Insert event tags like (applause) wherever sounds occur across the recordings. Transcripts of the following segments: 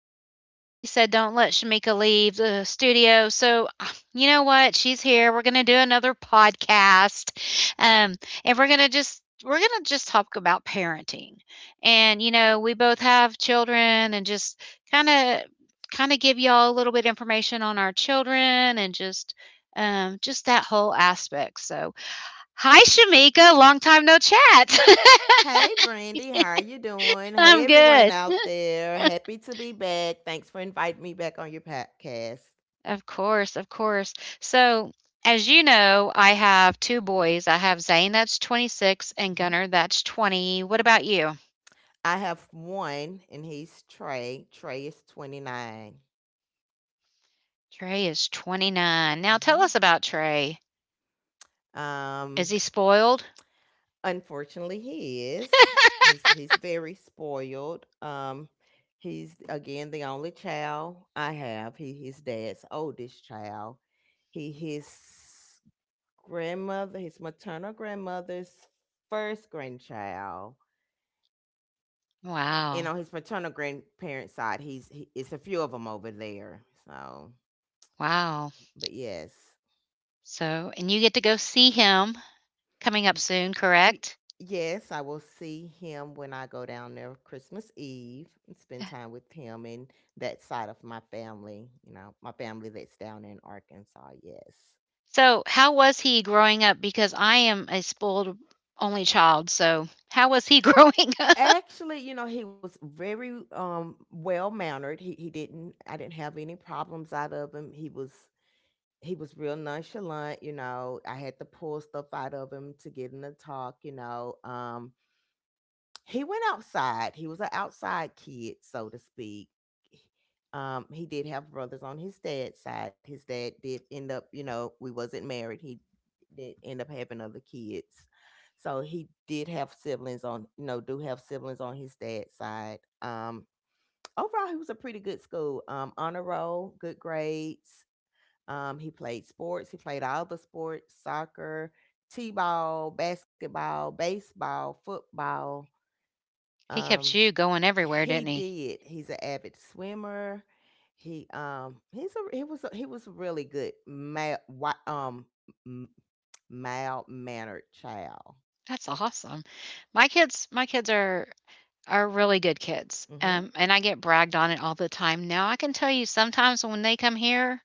I know everybody said don't let Shamika leave the studio. So, (sighs) you know what? She's here. We're going to do another podcast. Um, and we're going to just talk about parenting. And you know, we both have children and just kind of kind of give y'all a little bit information on our children and just that whole aspect. So, hi Shamika, long time no chat. (laughs) Hey Brandy, how are you doing? Hey I'm everyone good. out there. Happy to be back. Thanks for inviting me back on your podcast. Of course, of course. So, as you know, I have two boys. I have Zane, that's 26, and Mhm. Gunnar, that's 20. What about you? I have one and he's Trey. Trey is 29. Trey is 29. Now, tell Mhm. us about Trey. Um Is he spoiled? Unfortunately he is. He's very spoiled. He's again the only child I have. He his dad's oldest child. He his grandmother, his maternal grandmother's first grandchild, and Wow. on his maternal grandparents' side, it's a few of them over there. So, Wow. but yes. So, and you get to go see him coming Y- up soon, y- correct? yes, I will see him when I go down there Christmas Eve and spend time with him and that side of my family. You know, my family that's down in Arkansas. Yes. So, how was he growing up? Because I am a spoiled only child. So, how was he (laughs) growing up? Actually, you know, he was very well mannered. He didn't I didn't have any problems out of him. He was real nonchalant, you know. I had to pull stuff out of him to get him to talk, you know. He went outside. He was an outside kid, so to speak. He did have brothers on his dad's side. His dad did end up, you know, we wasn't married. He did end up having other kids. So he did have siblings on, you know, do have siblings on his dad's side. Overall, he was a pretty good school. Honor roll, good grades. He played sports. He played all the sports: soccer, t-ball, basketball, baseball, football. He kept Um, you going everywhere, he didn't he? did. He's an avid swimmer. He he's a he was a, he was a really good mild mannered child. That's awesome. My kids are really good kids, Mhm. And I get bragged on it all the time. Now, I can tell you sometimes when they come here,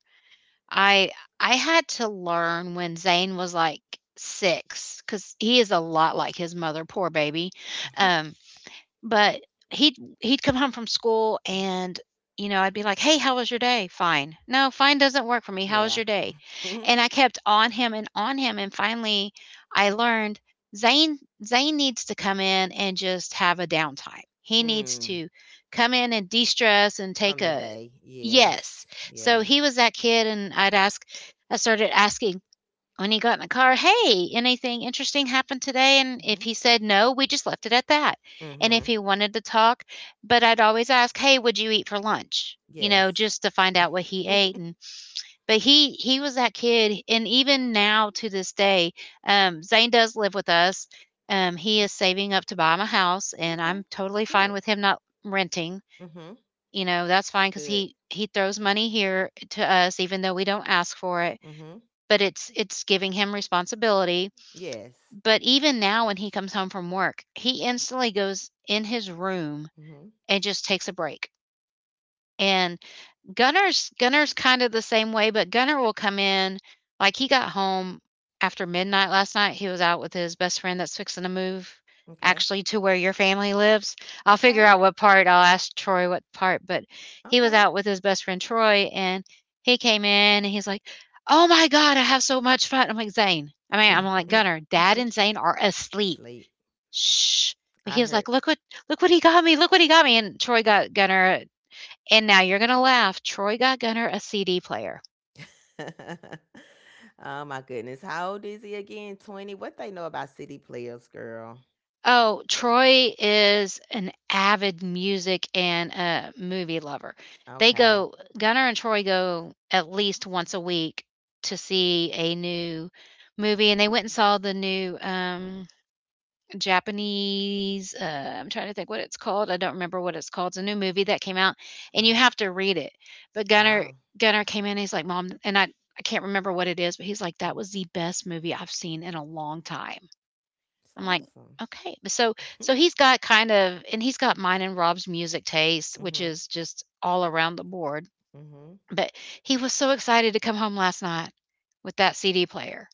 I I had to learn when Zane was, like, six, because he is a lot like his mother, poor baby, Mhm. um but he'd he'd come home from school and, you know, I'd be like, "Hey, how was your day?" "Fine." "No, fine doesn't work for me. How was Yeah. your day?" (laughs) And I kept on him, and finally I learned Zane Zane needs to come in and just have a downtime. He needs mm, to come in and de-stress and take from the a day. Yes. Yes. So Yes. he was that kid and I started asking when he got in the car, "Hey, anything interesting happened today?" And if Mhm. he said no, we just left it at that. And Mhm. if he wanted to talk, but I'd always ask, "Hey, what'd you eat for lunch?" You know, Yes. just to find out what he ate. And (laughs) but he was that kid, and even now to this day, Zane does live with us. He is saving up to buy him a house, and Okay. I'm totally It's fine good. with him not renting. Mhm. You know, that's It's fine because good. he throws money here to us, even though we don't ask for it. Mhm. But it's giving him responsibility, Yes. but even now when he comes home from work, he instantly goes in his room Mhm. and just takes a break. And Gunnar's kind of the same way, but Gunnar will come in like he got home after midnight last night. He was out with his best friend that's fixing to move Okay. actually to where your family lives. I'll figure Okay. out what part. I'll ask Troy what part, but he was Okay. out with his best friend Troy and he came in and he's like, "Oh my god, I have so much fun." I'm like, "Zane." I mean, I'm like, "Gunnar, (laughs) Dad Mhm. and Zane are asleep. Sleep. Shh." But I he was heard. like, look what he got me. Look what he got me." And Troy got Gunner, and now you're going to laugh. Troy got Gunner a CD player. (laughs) Oh my goodness. How old is he again? 20. What they know about city players, girl? Oh, Troy is an avid music and a movie lover. They Okay. go Gunner and Troy go at least once a week to see a new movie, and they went and saw the new Japanese, I'm trying to think what it's called. I don't remember what it's called. It's a new movie that came out, and you Mhm. have to read it. But Oh. Gunnar came in, and he's like, "Mom," and I can't remember what it is, but he's like, "That Mhm. was the best movie I've seen in a long time." It's I'm like, awesome. "Okay." But So (laughs) so he's got kind of, and he's got mine and Rob's music taste, which mhm. is just all around the board. Mhm. But he was so excited to come home last night with that CD player.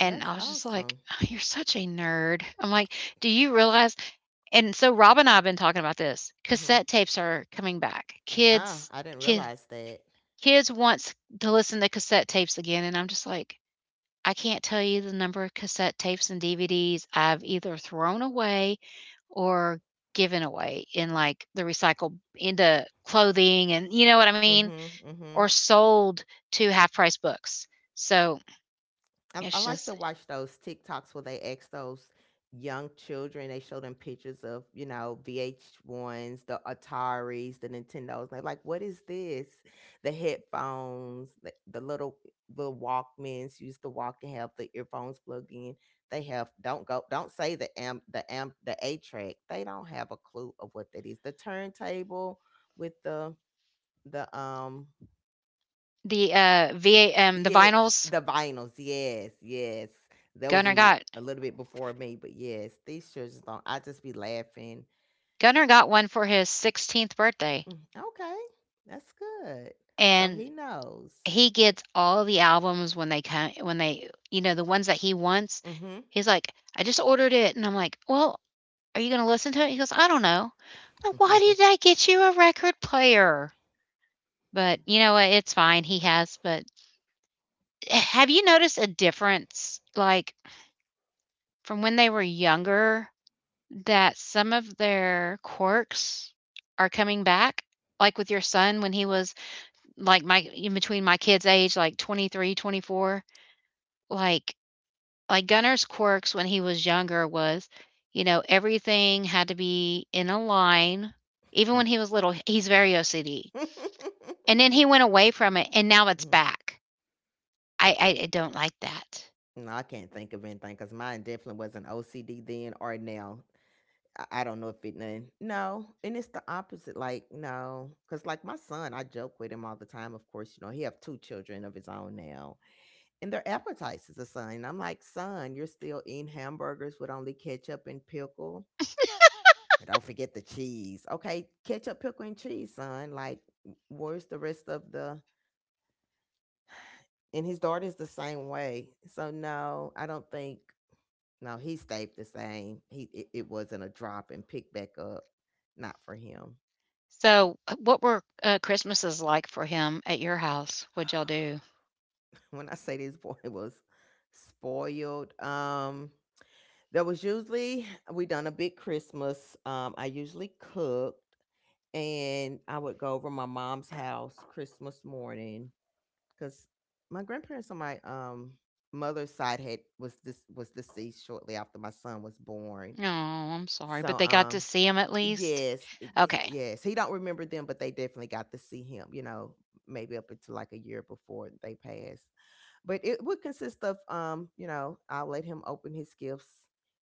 And That's I was just like, awesome. "Oh, you're such a nerd." I'm like, do you realize, and so Rob and I have been talking about this. Mhm. Cassette tapes are coming back. Oh, I didn't kid, realize that. kids wants to listen to cassette tapes again, and I'm just like I can't tell you the number of cassette tapes and DVDs I've either thrown away or given away in like the recycle into clothing, and you know what I mean, Mhm. or Mhm. sold to half price books. So I it's like to just watch those TikToks where they ask those young children. They show them pictures of, you know, VH1s, the Ataris, the Nintendos. They're like, "What is this?" The headphones, the little Walkmans, used to walk and have the earphones plugged in. They have don't go don't say the A track. They don't have a clue of what that is. The turntable with the the yeah, vinyls. the vinyls. Yes, yes. That was Gunner even got a little bit before me, but yes, these children don't. I just be laughing. Gunner got one for his 16th birthday, Mm. Okay, that's good. So and he knows. he gets all the albums when they come, when they the ones that he wants. Mm-hmm. He's like, "I just ordered it," and I'm like, "Well, are you gonna listen to it?" He goes, "I don't know." I'm like, "Why did (laughs) I get you a record player?" But, you know what, it's fine, he has, but have you noticed a difference, like, from when they were younger, that some of their quirks are coming back? Like with your son when he was, like, my in between my kids' age, like, 23, 24, like like Gunnar's quirks when he was younger was, you know, everything had to be in a line. Even when he was little, he's very OCD. And then he went away from it and now it's Mhm. back. I don't like that. No, I can't think of anything because mine definitely wasn't OCD then or now. I don't know if it none. No, and it's the opposite. Like, no, because, like, my son, I joke with him all the time. Of course, you know he have two children of his own now, and their appetizers are son. I'm like, son, you're still eating hamburgers with only ketchup and pickle. And don't forget the cheese. Okay, ketchup, pickle, and cheese, son. Like, where's the rest of the— and his daughter's the same way. So no, I don't think— no, he stayed the same. It wasn't a drop and pick back up. Not for him. So, what were Christmases like for him at your house? What'd y'all do? (sighs) When I say this boy (laughs) was spoiled, there was— usually we done a big Christmas. I usually cooked, and I would go over my mom's house Christmas morning because my grandparents on my mother's side had was— this was deceased shortly after my son was born. Oh, I'm sorry, So but they got to see him at least. yes, (sighs) Okay. yes, he don't remember them, but they definitely got to see him. You know, maybe up until like a year before they passed. But it would consist of, you know, I'll let him open his gifts.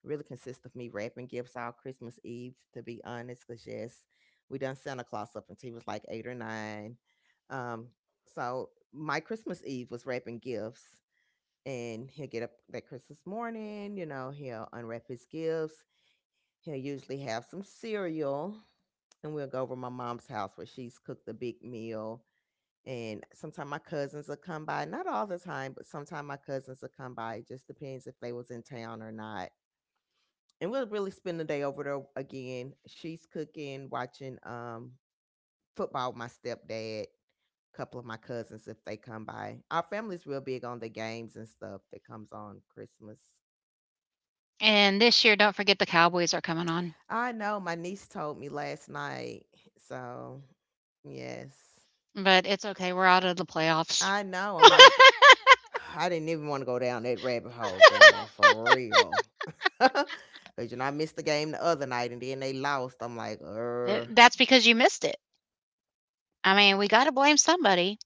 Really consist of me wrapping gifts all Christmas Eve, to be honest, because yes, we done Santa Claus up until he was like eight or nine. Um, so my Christmas Eve was wrapping gifts, and he'll get up that Christmas morning, you know, he'll unwrap his gifts. He'll usually have some cereal, and we'll go over to my mom's house where she's cooked a big meal and sometimes my cousins will come by— not all the time, but sometimes my cousins will come by. It just depends if they was in town or not, and we'll really spend the day over there. Again, she's cooking, watching football with my stepdad, couple of my cousins if they come by. Our family's real big on the games and stuff that comes on Christmas. And this year, don't forget the Cowboys are coming on, I know my niece told me last night, so yes. but it's okay. We're out of the playoffs. I know, I'm like (sighs) I didn't even want to go down that rabbit hole, girl, for real. (laughs) 'Cause you know I missed the game the other night, and then they lost. I'm like, (laughs) That's because you missed it. I mean, we got to blame somebody.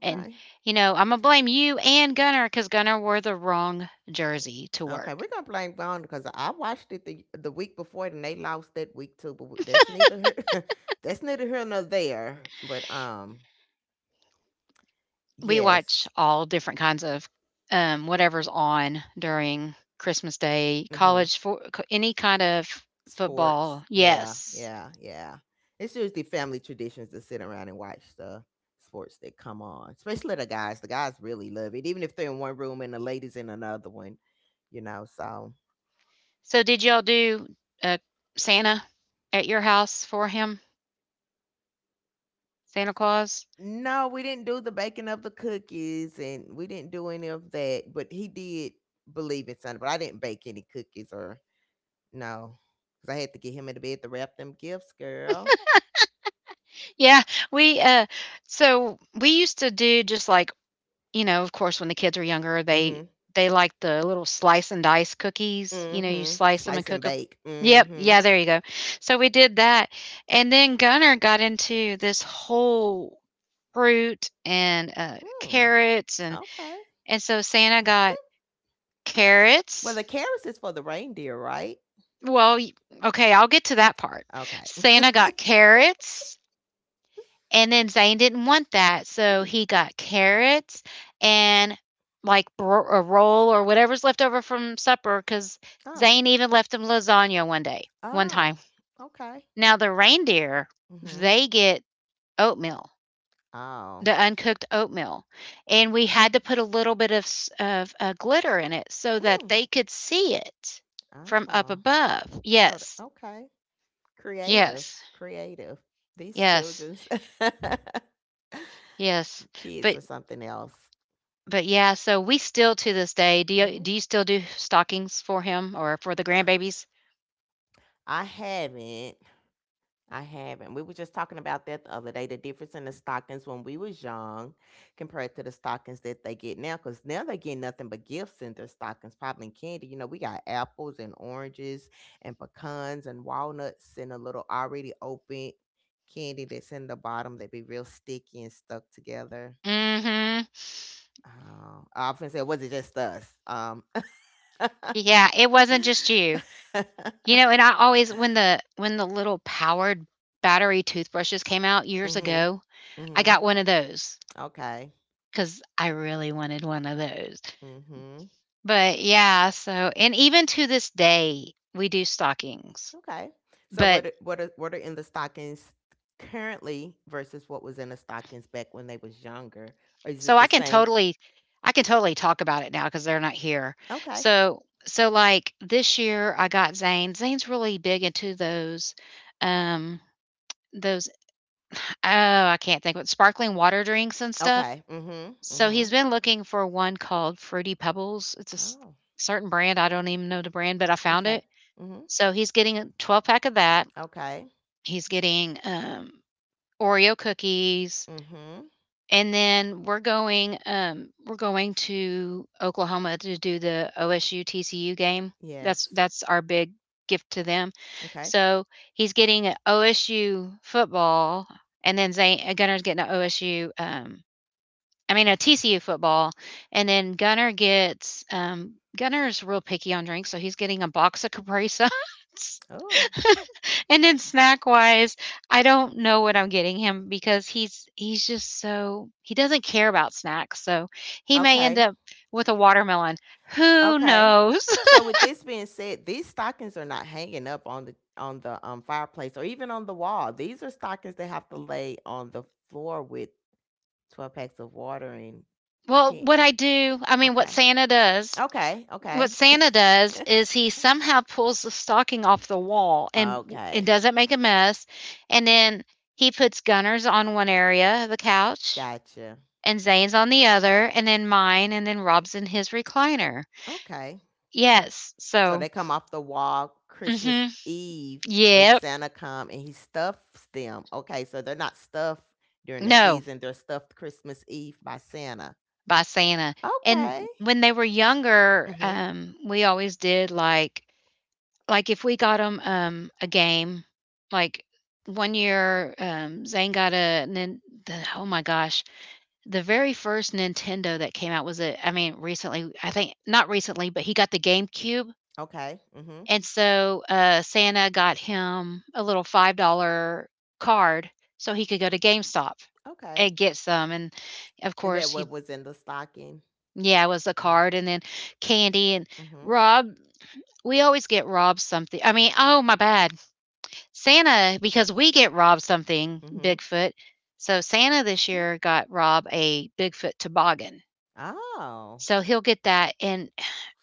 And, you know, I'm going to blame you and Gunner because Gunner wore the wrong jersey to okay, work. we're gonna blame Gone because I watched it the week before, and they lost that week too. But that's neither here, (laughs) that's neither here nor there. But We watch yes, all different kinds of whatever's on during Christmas Day, mm-hmm. college, for any kind of Sports, football. yeah, Yes. yeah, yeah. It's usually family traditions to sit around and watch the sports that come on, especially the guys. The guys really love it, even if they're in one room and the ladies in another one. You know, so— So, did y'all do uh, Santa at your house for him? Santa Claus? no, we didn't do the baking of the cookies, and we didn't do any of that, but he did believe in Santa, but I didn't bake any cookies or— no, because I had to get him into bed to wrap them gifts, girl. Yeah, we so we used to do just like, you know, of course, when the kids are younger, Mhm. they like the little slice and dice cookies. You know, you Mhm. slice them and Slice and cook them. bake. Yep. Mhm. Yeah, there you go. So we did that. And then Gunner got into this whole fruit and Mm, carrots and okay. So Santa got Well, carrots. the carrots is for the reindeer, right? Well, okay, I'll get to that part. Okay. Santa got (laughs) carrots. And then Zane didn't want that, so mm, he got carrots and like a roll or whatever's left over from supper because oh. Zane even left him lasagna one time. Oh. Okay. Now the reindeer, Mhm. they get oatmeal, Oh. the uncooked oatmeal, and we had to put a little bit of glitter in it so that Mm, they could see it from up oh. above. So, the— Yes, okay. Creative, yes, creative. These yes, children's yes. (laughs) kids But or something else. Yeah, so we still to this day do Mhm. You still do stockings for him or for the grandbabies? I haven't. I haven't. We were just talking about that the other day. The difference in the stockings when we was young compared to the stockings that they get now. Because now they get nothing but gifts in their stockings, probably candy. You know, we got apples and oranges and pecans and walnuts and a little already open candy that's in the bottom that be real sticky and stuck together. Mm Mhm. Oh, I was say, was it just us? Yeah, it wasn't (laughs) just you. You know, and I always when the little powered battery toothbrushes came out years mhm, ago, I mhm. got one of those Okay, because I really wanted one of those. mhm. But yeah, so and even to this day, we do stockings. Okay. So But what are in the stockings currently versus what was in the stockings back when they was younger? Or is it I the can same? totally talk about it now because 'cause they're not here. Okay, So like, this year, I got Zane. Zane's really big into those, um, those oh, I can't think what sparkling water drinks and stuff. okay. Mhm, So he's mhm. been looking for one called Fruity Pebbles. It's a s Oh, certain brand, I don't even know the brand, but I found okay. it. Mhm. So he's getting a 12 pack of that. Okay. He's getting, Oreo cookies, Mhm. and then we're going to Oklahoma to do the OSU TCU game. Yes. That's our big gift to them. Okay. So he's getting an OSU football, and then Gunner's getting an OSU. I mean a TCU football, and then Gunner gets Gunner's real picky on drinks, so he's getting a box of (laughs) Capri Suns. Oh. And then snack wise, I don't know what I'm getting him because he's just so he doesn't care about snacks. So he may end Okay. up with a watermelon. Who Okay. knows? So with this being said, these stockings are not hanging up on the fireplace or even on the wall. These are stockings they have to lay on the floor with 12 packs of water and (laughs) Well, can— what I do, okay. Okay. what Okay. (laughs) Santa does is he somehow pulls the stocking off the wall and it Okay. doesn't make a mess. And then he puts Gunner's on one area of the couch Gotcha. and Zane's on the other and then mine and then Rob's in his recliner. Okay. Yes. So So they come off the wall Christmas Mhm. Eve when Yep. Santa come and he stuffs them. Okay. So they're not stuffed during the No, season. They're stuffed Christmas Eve by Santa. by Santa. Okay. And when they were younger, Mhm. We always did like if we got them a game, like one year Zane got oh my gosh, the very first Nintendo that came out was a recently, I think not recently, but he got the GameCube. Okay. Mhm. And so Santa got him a little $5 card so he could go to GameStop Okay. and get some. And of And that course, you... what was in the stocking. Yeah, it was a Mhm. card, and then candy and Mhm. Rob. We always get Rob something. I mean, oh, my bad. Santa, because we get Rob something, Mhm. Bigfoot. So Santa this Mhm. year got Rob a Bigfoot toboggan. Oh, So he'll get that, and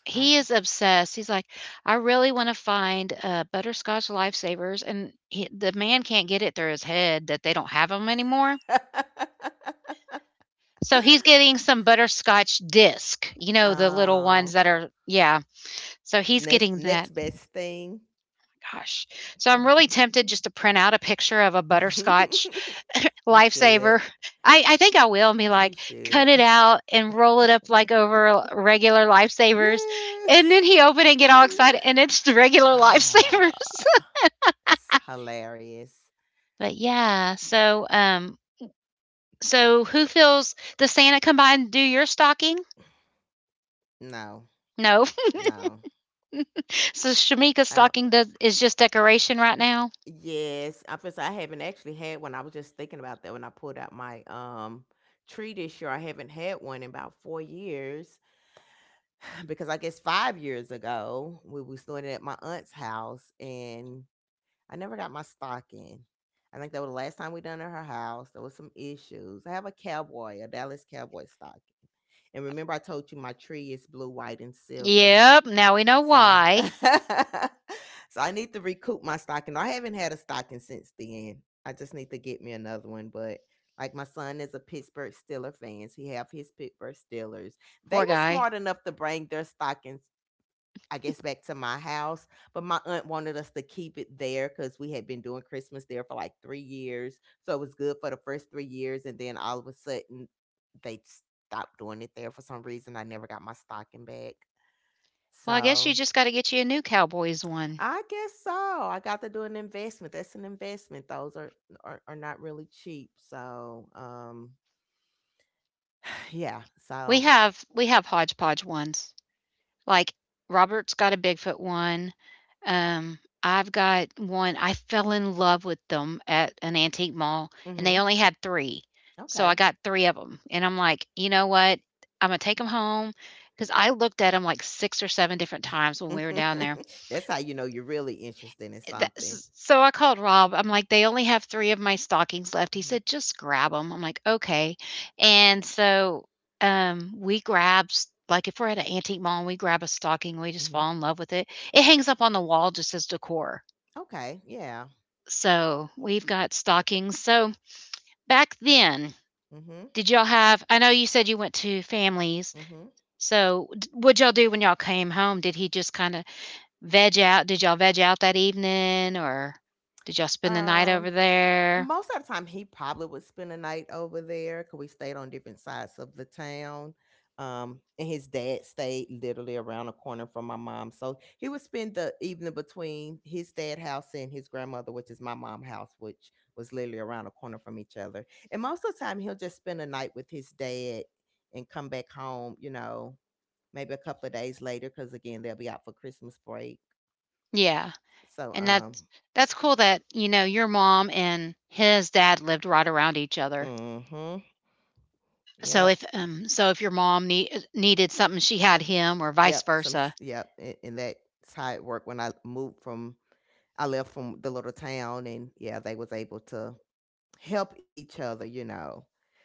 he nice. is obsessed. He's like, "I really wanna find, butterscotch lifesavers," and he, the man can't get it through his head that they don't have them anymore. (laughs) So he's getting some butterscotch disc, you know, the little ones Oh, that are, yeah. So he's next getting that. next best thing. Gosh. So I'm really tempted just to print out a picture of a (laughs) butterscotch You should. Lifesaver. (laughs) I think I will be You like, cut should. it out and roll it up like over (laughs) regular lifesavers. And then Yes. he opened it and get all excited and it's (laughs) the regular lifesavers. (sighs) Hilarious. (laughs) But yeah, so so who feels, does Santa come by and do your stocking? No. No. (laughs) No. So Shamika's I don't stocking does is just decoration right Y- now. Yes, I first— I haven't actually had one. I was just thinking about that when I pulled out my tree this year. I haven't had one in about 4 years (sighs) because I guess 5 years ago we was doing it at my aunt's house, and I never got my stocking. I think that was the last time we done it at her house. There was some issues. I have a cowboy, a Dallas Cowboy stocking. And remember I told you my tree is blue, white, and silver. Yep, now we know So, why. (laughs) so I need to recoup my stocking. I haven't had a stocking since then. I just need to get me another one. But like my son is a Pittsburgh Steeler fan. He have his Pittsburgh Steelers. They Poor were guy. smart enough to bring their stockings, I guess, back to my house. But my aunt wanted us to keep it there because we had been doing Christmas there for like 3 years. So it was good for the first 3 years, and then all of a sudden they stopped doing it there for some reason. I never got my stocking back. Well, I guess you So just got to get you a new Cowboys one. I guess so. I got to do an investment. That's an investment. Those are are not really cheap. So, (sighs) yeah. We So, have we have hodgepodge ones. Like, Robert's got a Bigfoot one, I've got one. I fell in love with them at an antique mall, and they hmm, only had three. So I okay. got three of them. And I'm like, "You know what? Imma take them home because I looked at them like six or seven different times when we were down there." (laughs) That's how you know you're really interested in That something. s... so I called Rob. I'm like, "They only have three of my stockings left." He Hmm. said, "Just grab them. 'Em." I'm like, "Okay." And so, we grab, s... like, if we're at an antique mall and we grab a stocking, we just Hmm. fall in love with it. It hangs up on the wall just as decor. Okay. Yeah. So, we've got stockings. So, back then, Hmm. did y'all have... I know you said you went to families. Hmm. So, d... what'd y'all do when y'all came home? Did he just kinda veg out? Did y'all veg out that evening, or did y'all spend the night Um. over there? Most of the time he probably would spend a night over there because we stayed on different sides of the town, and his dad stayed literally around the corner from my mom. So he would spend the evening between his dad house and his grandmother, which is my mom house, which was literally around the corner from each other. And most of the time he'll just spend a night with his dad and come back home, you know, maybe a couple of days later, because again they'll be out for Christmas break. Yeah, So and um, that's cool that, you know, your mom and his dad lived right around each other. mm-hmm. Yep. So if your mom needed something, she had him or vice Yep, some versa. s yep, and that's how it worked when I moved from, I left from the little town, and, yeah, they was able to help each other, you know,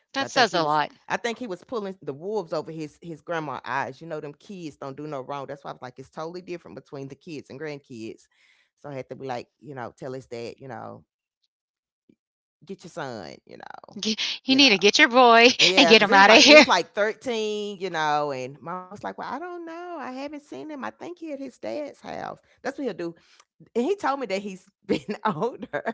'cause I That think he says a was, lot. I think he was pulling the wolves over his grandma eyes, you know, them kids don't do no wrong. That's why I was like, it's totally different between the kids and grandkids, so I had to be like, you know, tell his dad, you know, "Get your son," you know, (laughs) G- You you need know. to get your boy (laughs) and Yeah, get because him he was out of like he here. was (laughs) like 13, you know, and mom was like, well, I don't know. I haven't seen him. I think he at his dad's house. That's what he'll do. And he told me that he's (laughs) been older.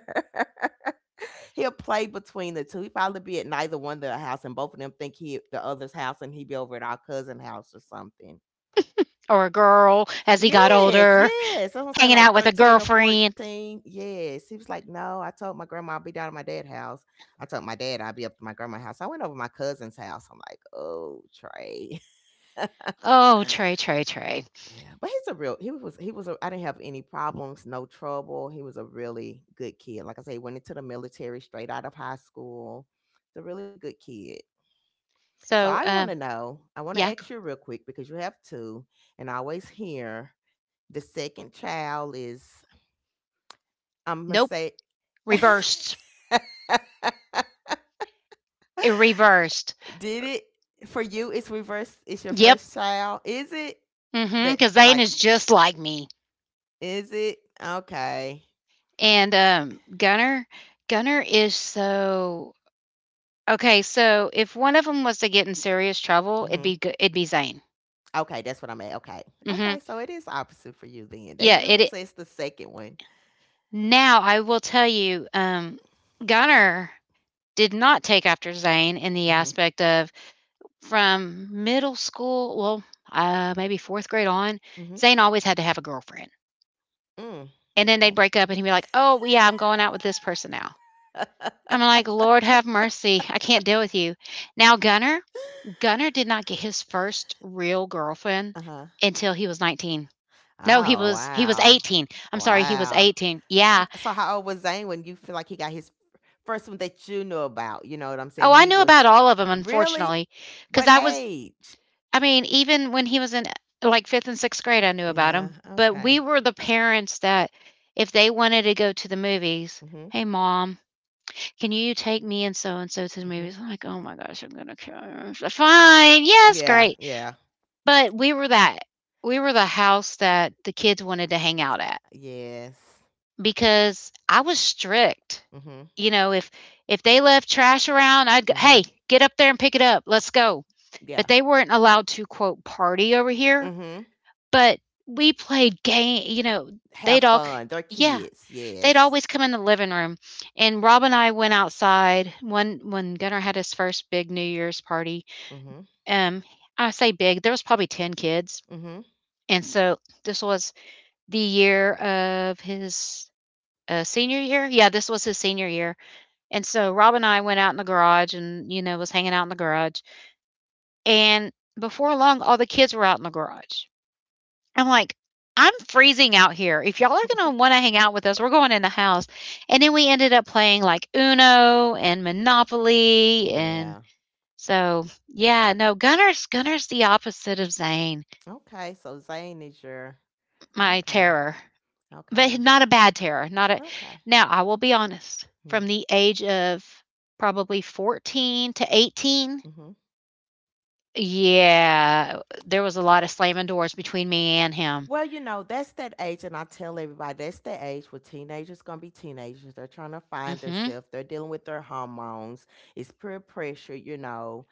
(laughs) He'll play between the two. He probably be at neither one of their house, and both of them think he at the other's house and he be over at our cousin house or something. Or a girl as he got Yes, older, yes. That's what I'm saying, hanging out like with a 13 or girlfriend. 14. Yes. He was like, no, I told my grandma I'll be down at my dad's house. I told my dad I'd be up to my grandma's house. I went over to my cousin's house. I'm like, oh, Trey. Oh, Trey, Trey, Trey. Yeah, but he's a real. He was. He was. A, I didn't have any problems, no trouble. He was a really good kid. Like I say, he went into the military straight out of high school. He's a really good kid. So I So, want to um, know. I want to yeah, c- ask you real quick because you have two, and I always hear the second child is. I'm gonna nope, say, reversed. It reversed. (laughs) did it for you? It's reverse. It's your Yep. first child. Is it? Mm. Mhm, That's cuz like. Zane is just like me. Is it okay? And, Gunner is so... okay, so if one of them was to get in serious trouble, it'd Mm-hmm. be G... it'd be Zane. Okay, that's what I meant. Okay. Mhm. Okay, so it is opposite for you then. They Yeah, usually it i... say it's the second one. now I will tell you, Gunner did not take after Zane in the Mhm. aspect of, from middle school, well, maybe 4th grade on, Mhm. Zane always had to have a girlfriend. Mm. And then they'd Okay. break up and he'd be like, "Oh, yeah, I'm going out with this person now." (laughs) I'm like, "Lord have mercy, I can't deal with you." Now Gunner did not get his first real girlfriend Uh-huh. until he was 19. No, he Oh, was... he was wow. 18. I'm sorry, he was Wow. 18. So Yeah. so how old was Zane when you feel like he got his first one that you knew about? You know what I'm saying? Oh, I He knew about was. all of them, Really? unfortunately, cuz What I was... age? I mean, even when he was in like 5th and 6th grade I knew about Yeah, him, but we okay. were the parents that if they wanted to go to the movies, Mhm. "Hey mom, can you take me and so to the Mhm. movies?" I'm like, "Oh my gosh, I'm going to kill her. Fine. Yes, Yeah, great." yeah. But we were that... we were the house that the kids wanted to hang out at, Yes. because I was strict. Mhm. You know, if they left trash around, I'd go, Mhm. "Hey, get up there and pick it up. Let's go." Yeah. But they weren't allowed to quote party over here, Mhm. but we played game, you know, they'd Have all c- fun. They're yeah, kids. they'd Yes. always come in the living room. And Rob and I went outside when Gunnar had his first big New Year's party. Mhm. Um, I say big, there was probably 10 kids. Mhm. Mhm. And so this was the year of his, senior year? Yeah, this was his senior year. And so Rob and I went out in the garage and, you know, was hanging out in the garage. And before long, all the kids were out in the garage. I'm like, I'm freezing out here. If y'all are going to (laughs) want to hang out with us, we're going in the house. And then we ended up playing like Uno and Monopoly. And Yeah. so, yeah, no, Gunner's the opposite of Zane, Okay. So Zane is your, my okay. terror. But Okay. not a bad terror, not a... Okay. Now I will be honest, Hmm. from the age of probably 14 to 18, Mhm. yeah, there was a lot of slamming doors between me and him. Well, you know, that's that age, and I tell everybody that's the age where teenagers gonna be teenagers. They're trying to Mm. find Mhm, themselves. They're dealing with their hormones. It's peer pressure, you know.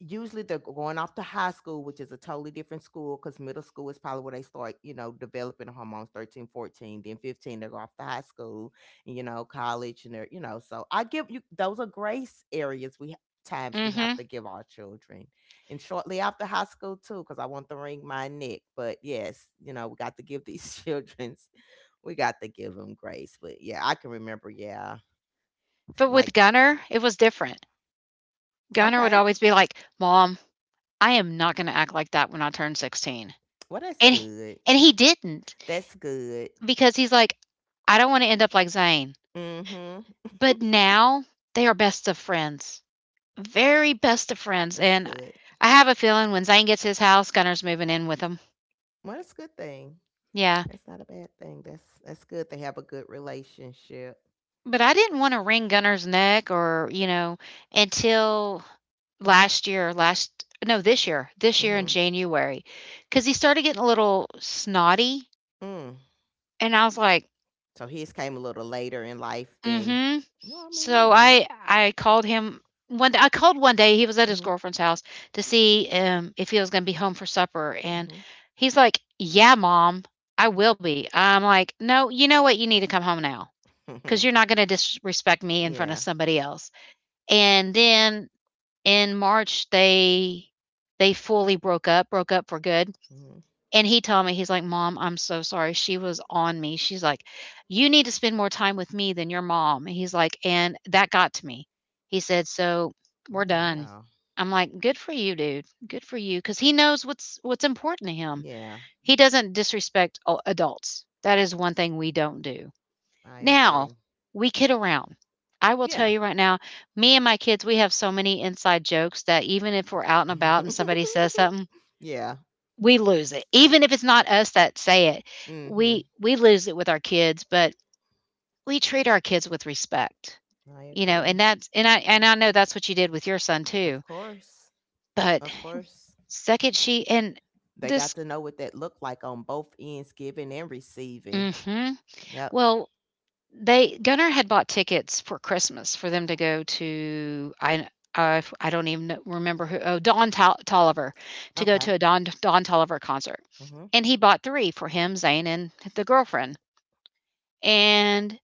Usually they're going off to high school, which is a totally different school, because middle school is probably where they start, you know, developing hormones. 13, 14, then 15 they go off to high school, you know, college, and they're, you know, so I give you, those are grace areas we, mm times we have mhm. to give our children, and shortly after high school too, because I want to wring my neck, but yes, you know, we got to give these (laughs) children, we got to give them grace. But yeah, I can remember, yeah, But like, with Gunner, it was different. Gunner would okay, always be like, "Mom, I am not gonna act like that when I turn 16." well, that's And he... good. and he didn't, That's good. because he's like, "I don't wanna end up like Zane." Mhm. But (laughs) now, they are best of friends. Very best of friends, That's and good. I have a feeling when Zane gets his house, Gunner's moving in with him. Well, that's a good thing. Yeah, That's not a bad thing. That's good. They have a good relationship. but I didn't want to wring Gunner's neck or, you know, until last year, last, no, this year in Mhm. January, because he started getting a little snotty. Mm. And I was like, So his came a little later in life mm than. hmm. Well, I mean, you So know. I called him one day. I called one day. He was at his Mhm. girlfriend's house to see if he was going to be home for supper, and he's like, "Yeah, mom, I will be." I'm like, "No, you know what? You need to come home now, because Mhm. you're not going to disrespect me in front of (laughs) Yeah. somebody else." And then in March they fully broke up for good, Mhm. and he told me, he's like, "Mom, I'm so sorry. She was on me." She's like, "You need to spend more time with me than your mom." And he's like, "And that got to me." He said, "So we're Oh done." wow. I'm like, "Good for you, dude. Good for you, because he knows what's important to him. Yeah, He doesn't disrespect a- adults. That is one thing we don't do. I Now, agree. we kid around. I will tell Yeah. you right now, me and my kids, we have so many inside jokes that even if we're out and about and somebody says (laughs) something, Yeah. we lose it. Even if it's not us that say it, Mhm. we lose it with our kids, but we treat our kids with respect. I You know, agree. and that's... and I know that's what you did with your son Of too." course. But Of course. second she and They this, got to know what that looked like on both ends, giving and receiving. mhm. Yep. Well, they... Gunnar had bought tickets for Christmas for them to go to, I I don't even know- remember who, oh, Don Tol- Tolliver, to go Okay. to a Don Tolliver concert. Mhm. And he bought three for him, Zane and the girlfriend. And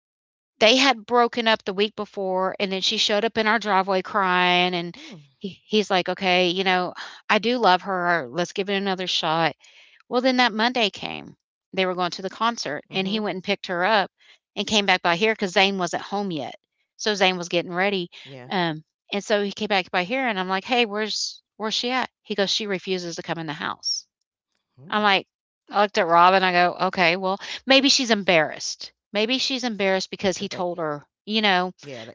they had broken up the week before and then she showed up in our driveway crying, and Hmm. he, he's like, okay, you know, I do love her, let's give it another shot. Well, then that Monday came, they were going to the concert, and he Mhm. went and picked her up and came back by here because Zane wasn't home yet, so Zane was getting ready, Yeah. um, and so he came back by here and I'm like, hey, where's she at? He goes, she refuses to come in the house. Hmm. Hmm, I'm yeah. like, I looked at Rob and I go, okay, well, maybe she's embarrassed. Maybe she's embarrassed because he Cause they, told her, you know, yeah, they,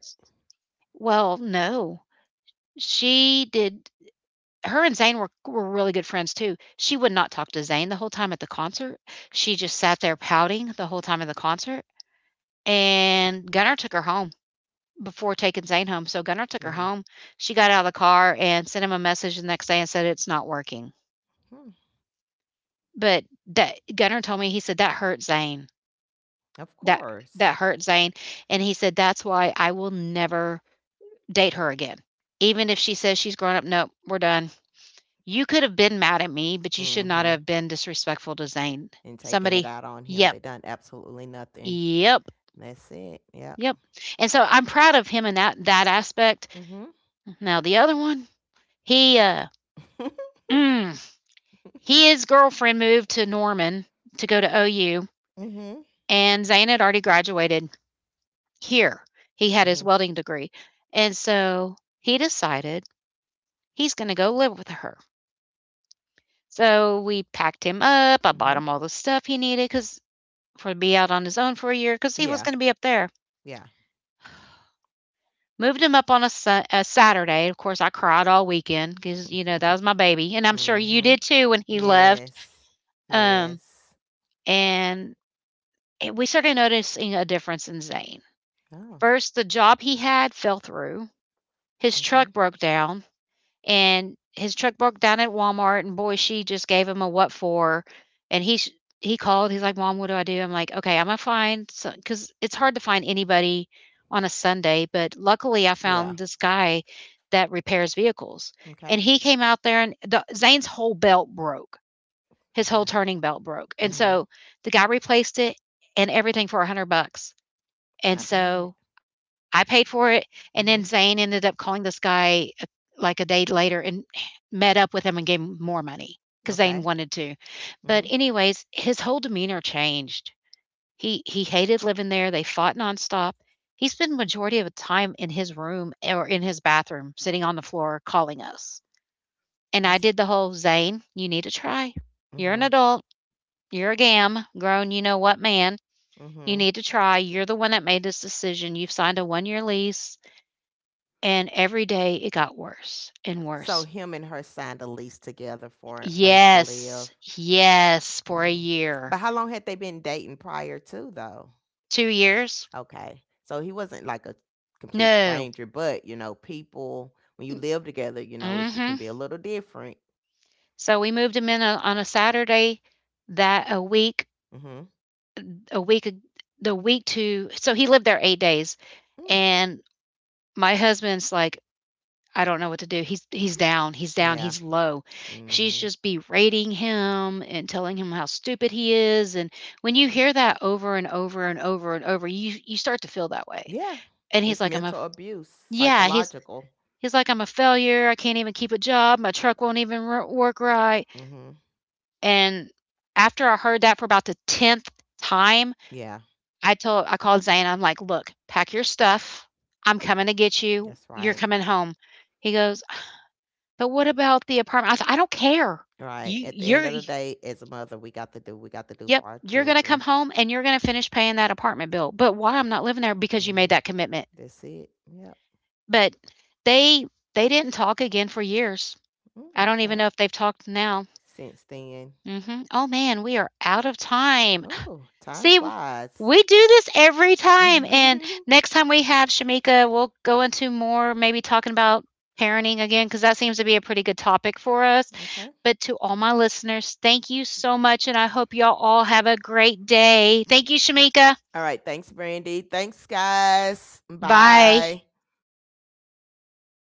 well, no, she did. Her and Zane were really good friends too. She would not talk to Zane the whole time at the concert. She just sat there pouting the whole time at the concert. And Gunnar took her home before taking Zane home. So Gunnar took her mhm. home. She got out of the car and sent him a message the next day and said, it's not working. Hmm. But that, Gunnar told me, he said, that hurt Zane. Of That course. that hurt Zane, and he said, "That's why I will never date her again. Even if she says she's grown up, nope, we're done. You could have been mad at me, but you should not Mhm. have been disrespectful to Zane." And taking it Somebody, out on him, yep, they done absolutely nothing. yep, That's it. Yep. yep. And so I'm proud of him in that aspect. Mhm. Now the other one, he mm, his girlfriend moved to Norman to go to OU, Mhm. and Zane had already graduated here. He had his Mhm. welding degree, and so he decided he's going to go live with her. So we packed him up. I bought Mhm. him (laughs) all the stuff he needed because for be out on his own for a year because he was Yeah. going to be up there. Yeah. Moved him up on a, a Saturday. Of course, I cried all weekend because you know that was my baby, (laughs) and I'm sure you Mhm. did too when he left. Yes. Um, Yes. and we started noticing a difference in Zane. Oh, First, the job he had fell through. His truck okay. broke down and his truck broke down at Walmart, and boy, she just gave him a what for. And he called. He's like, "Mom, what do I do?" I'm like, "Okay, I'm gonna find because it's hard to find anybody on a Sunday, but luckily I Yeah. found this guy that repairs vehicles, Okay. and he came out there, and Zane's whole belt broke, his whole My. turning belt broke, and Mhm. so the guy replaced it and everything for $100. And Not bad. so I paid for it, and Mhm. then Zane ended up calling this guy, like, a day later and met up with him and gave him more money because Zane Okay. wanted to. But Mhm. anyways, his whole demeanor changed. He hated living there, they fought nonstop. He spent majority of the time in his room or in his bathroom, sitting on the floor calling us. And I That's. did the whole, "Zane, you need to try. You're an Mhm. adult. You're a gam grown you know what man. You Mhm. need to try. You're the one that made this decision. You've signed a one year lease." And every day it got worse and So worse. him and her signed a lease together for a place to live. Yes, yes, for a Mm. But year. how long had they been dating prior to though? 2 years? Okay. So he wasn't like a complete No. stranger, but you know, people when you live together, you know, it, Mm. it can Mhm. be a little different. So we moved him in on a Saturday that a week Mhm. a week the week to so he lived there 8 days, Mm. and my husband's like, I don't know what to do. He's down. He's down. Yeah. He's low. She's Mhm. just berating him and telling him how stupid he is. And when you hear that over and over and over and over, you start to feel that way. Yeah. And he's It's like, mental abuse, yeah. Psychological. He's like, I'm a failure. I can't even keep a job. My truck won't even work right. Mhm. And after I heard that for about the 10th time, Yeah. I called Zane. I'm like, look, pack your stuff. I'm coming to get you. That's You're right. coming home. He goes, but what about the apartment? I said, "I don't care. Right. You At the end you're of the day, as a mother, we got to do, we got to do yep, for our you're gonna come children. home and you're gonna finish paying that apartment bill. But why I'm not living there because you made Mhm. that commitment." That's it. Yep. But they they didn't talk again for years. I Mm, don't even okay. know if they've talked now. Since then. Mhm. Oh man, we are out of time. Oh, time See, flies. we do this every (laughs) Okay. time. And next time we have Shamika, we'll go into more maybe talking about parenting again because that seems to be a pretty good topic for us. But to all my listeners, thank you so much. And I hope y'all all have a great day. Thank you, Shamika. All right. Thanks, Brandy. Thanks, guys. Bye. Bye.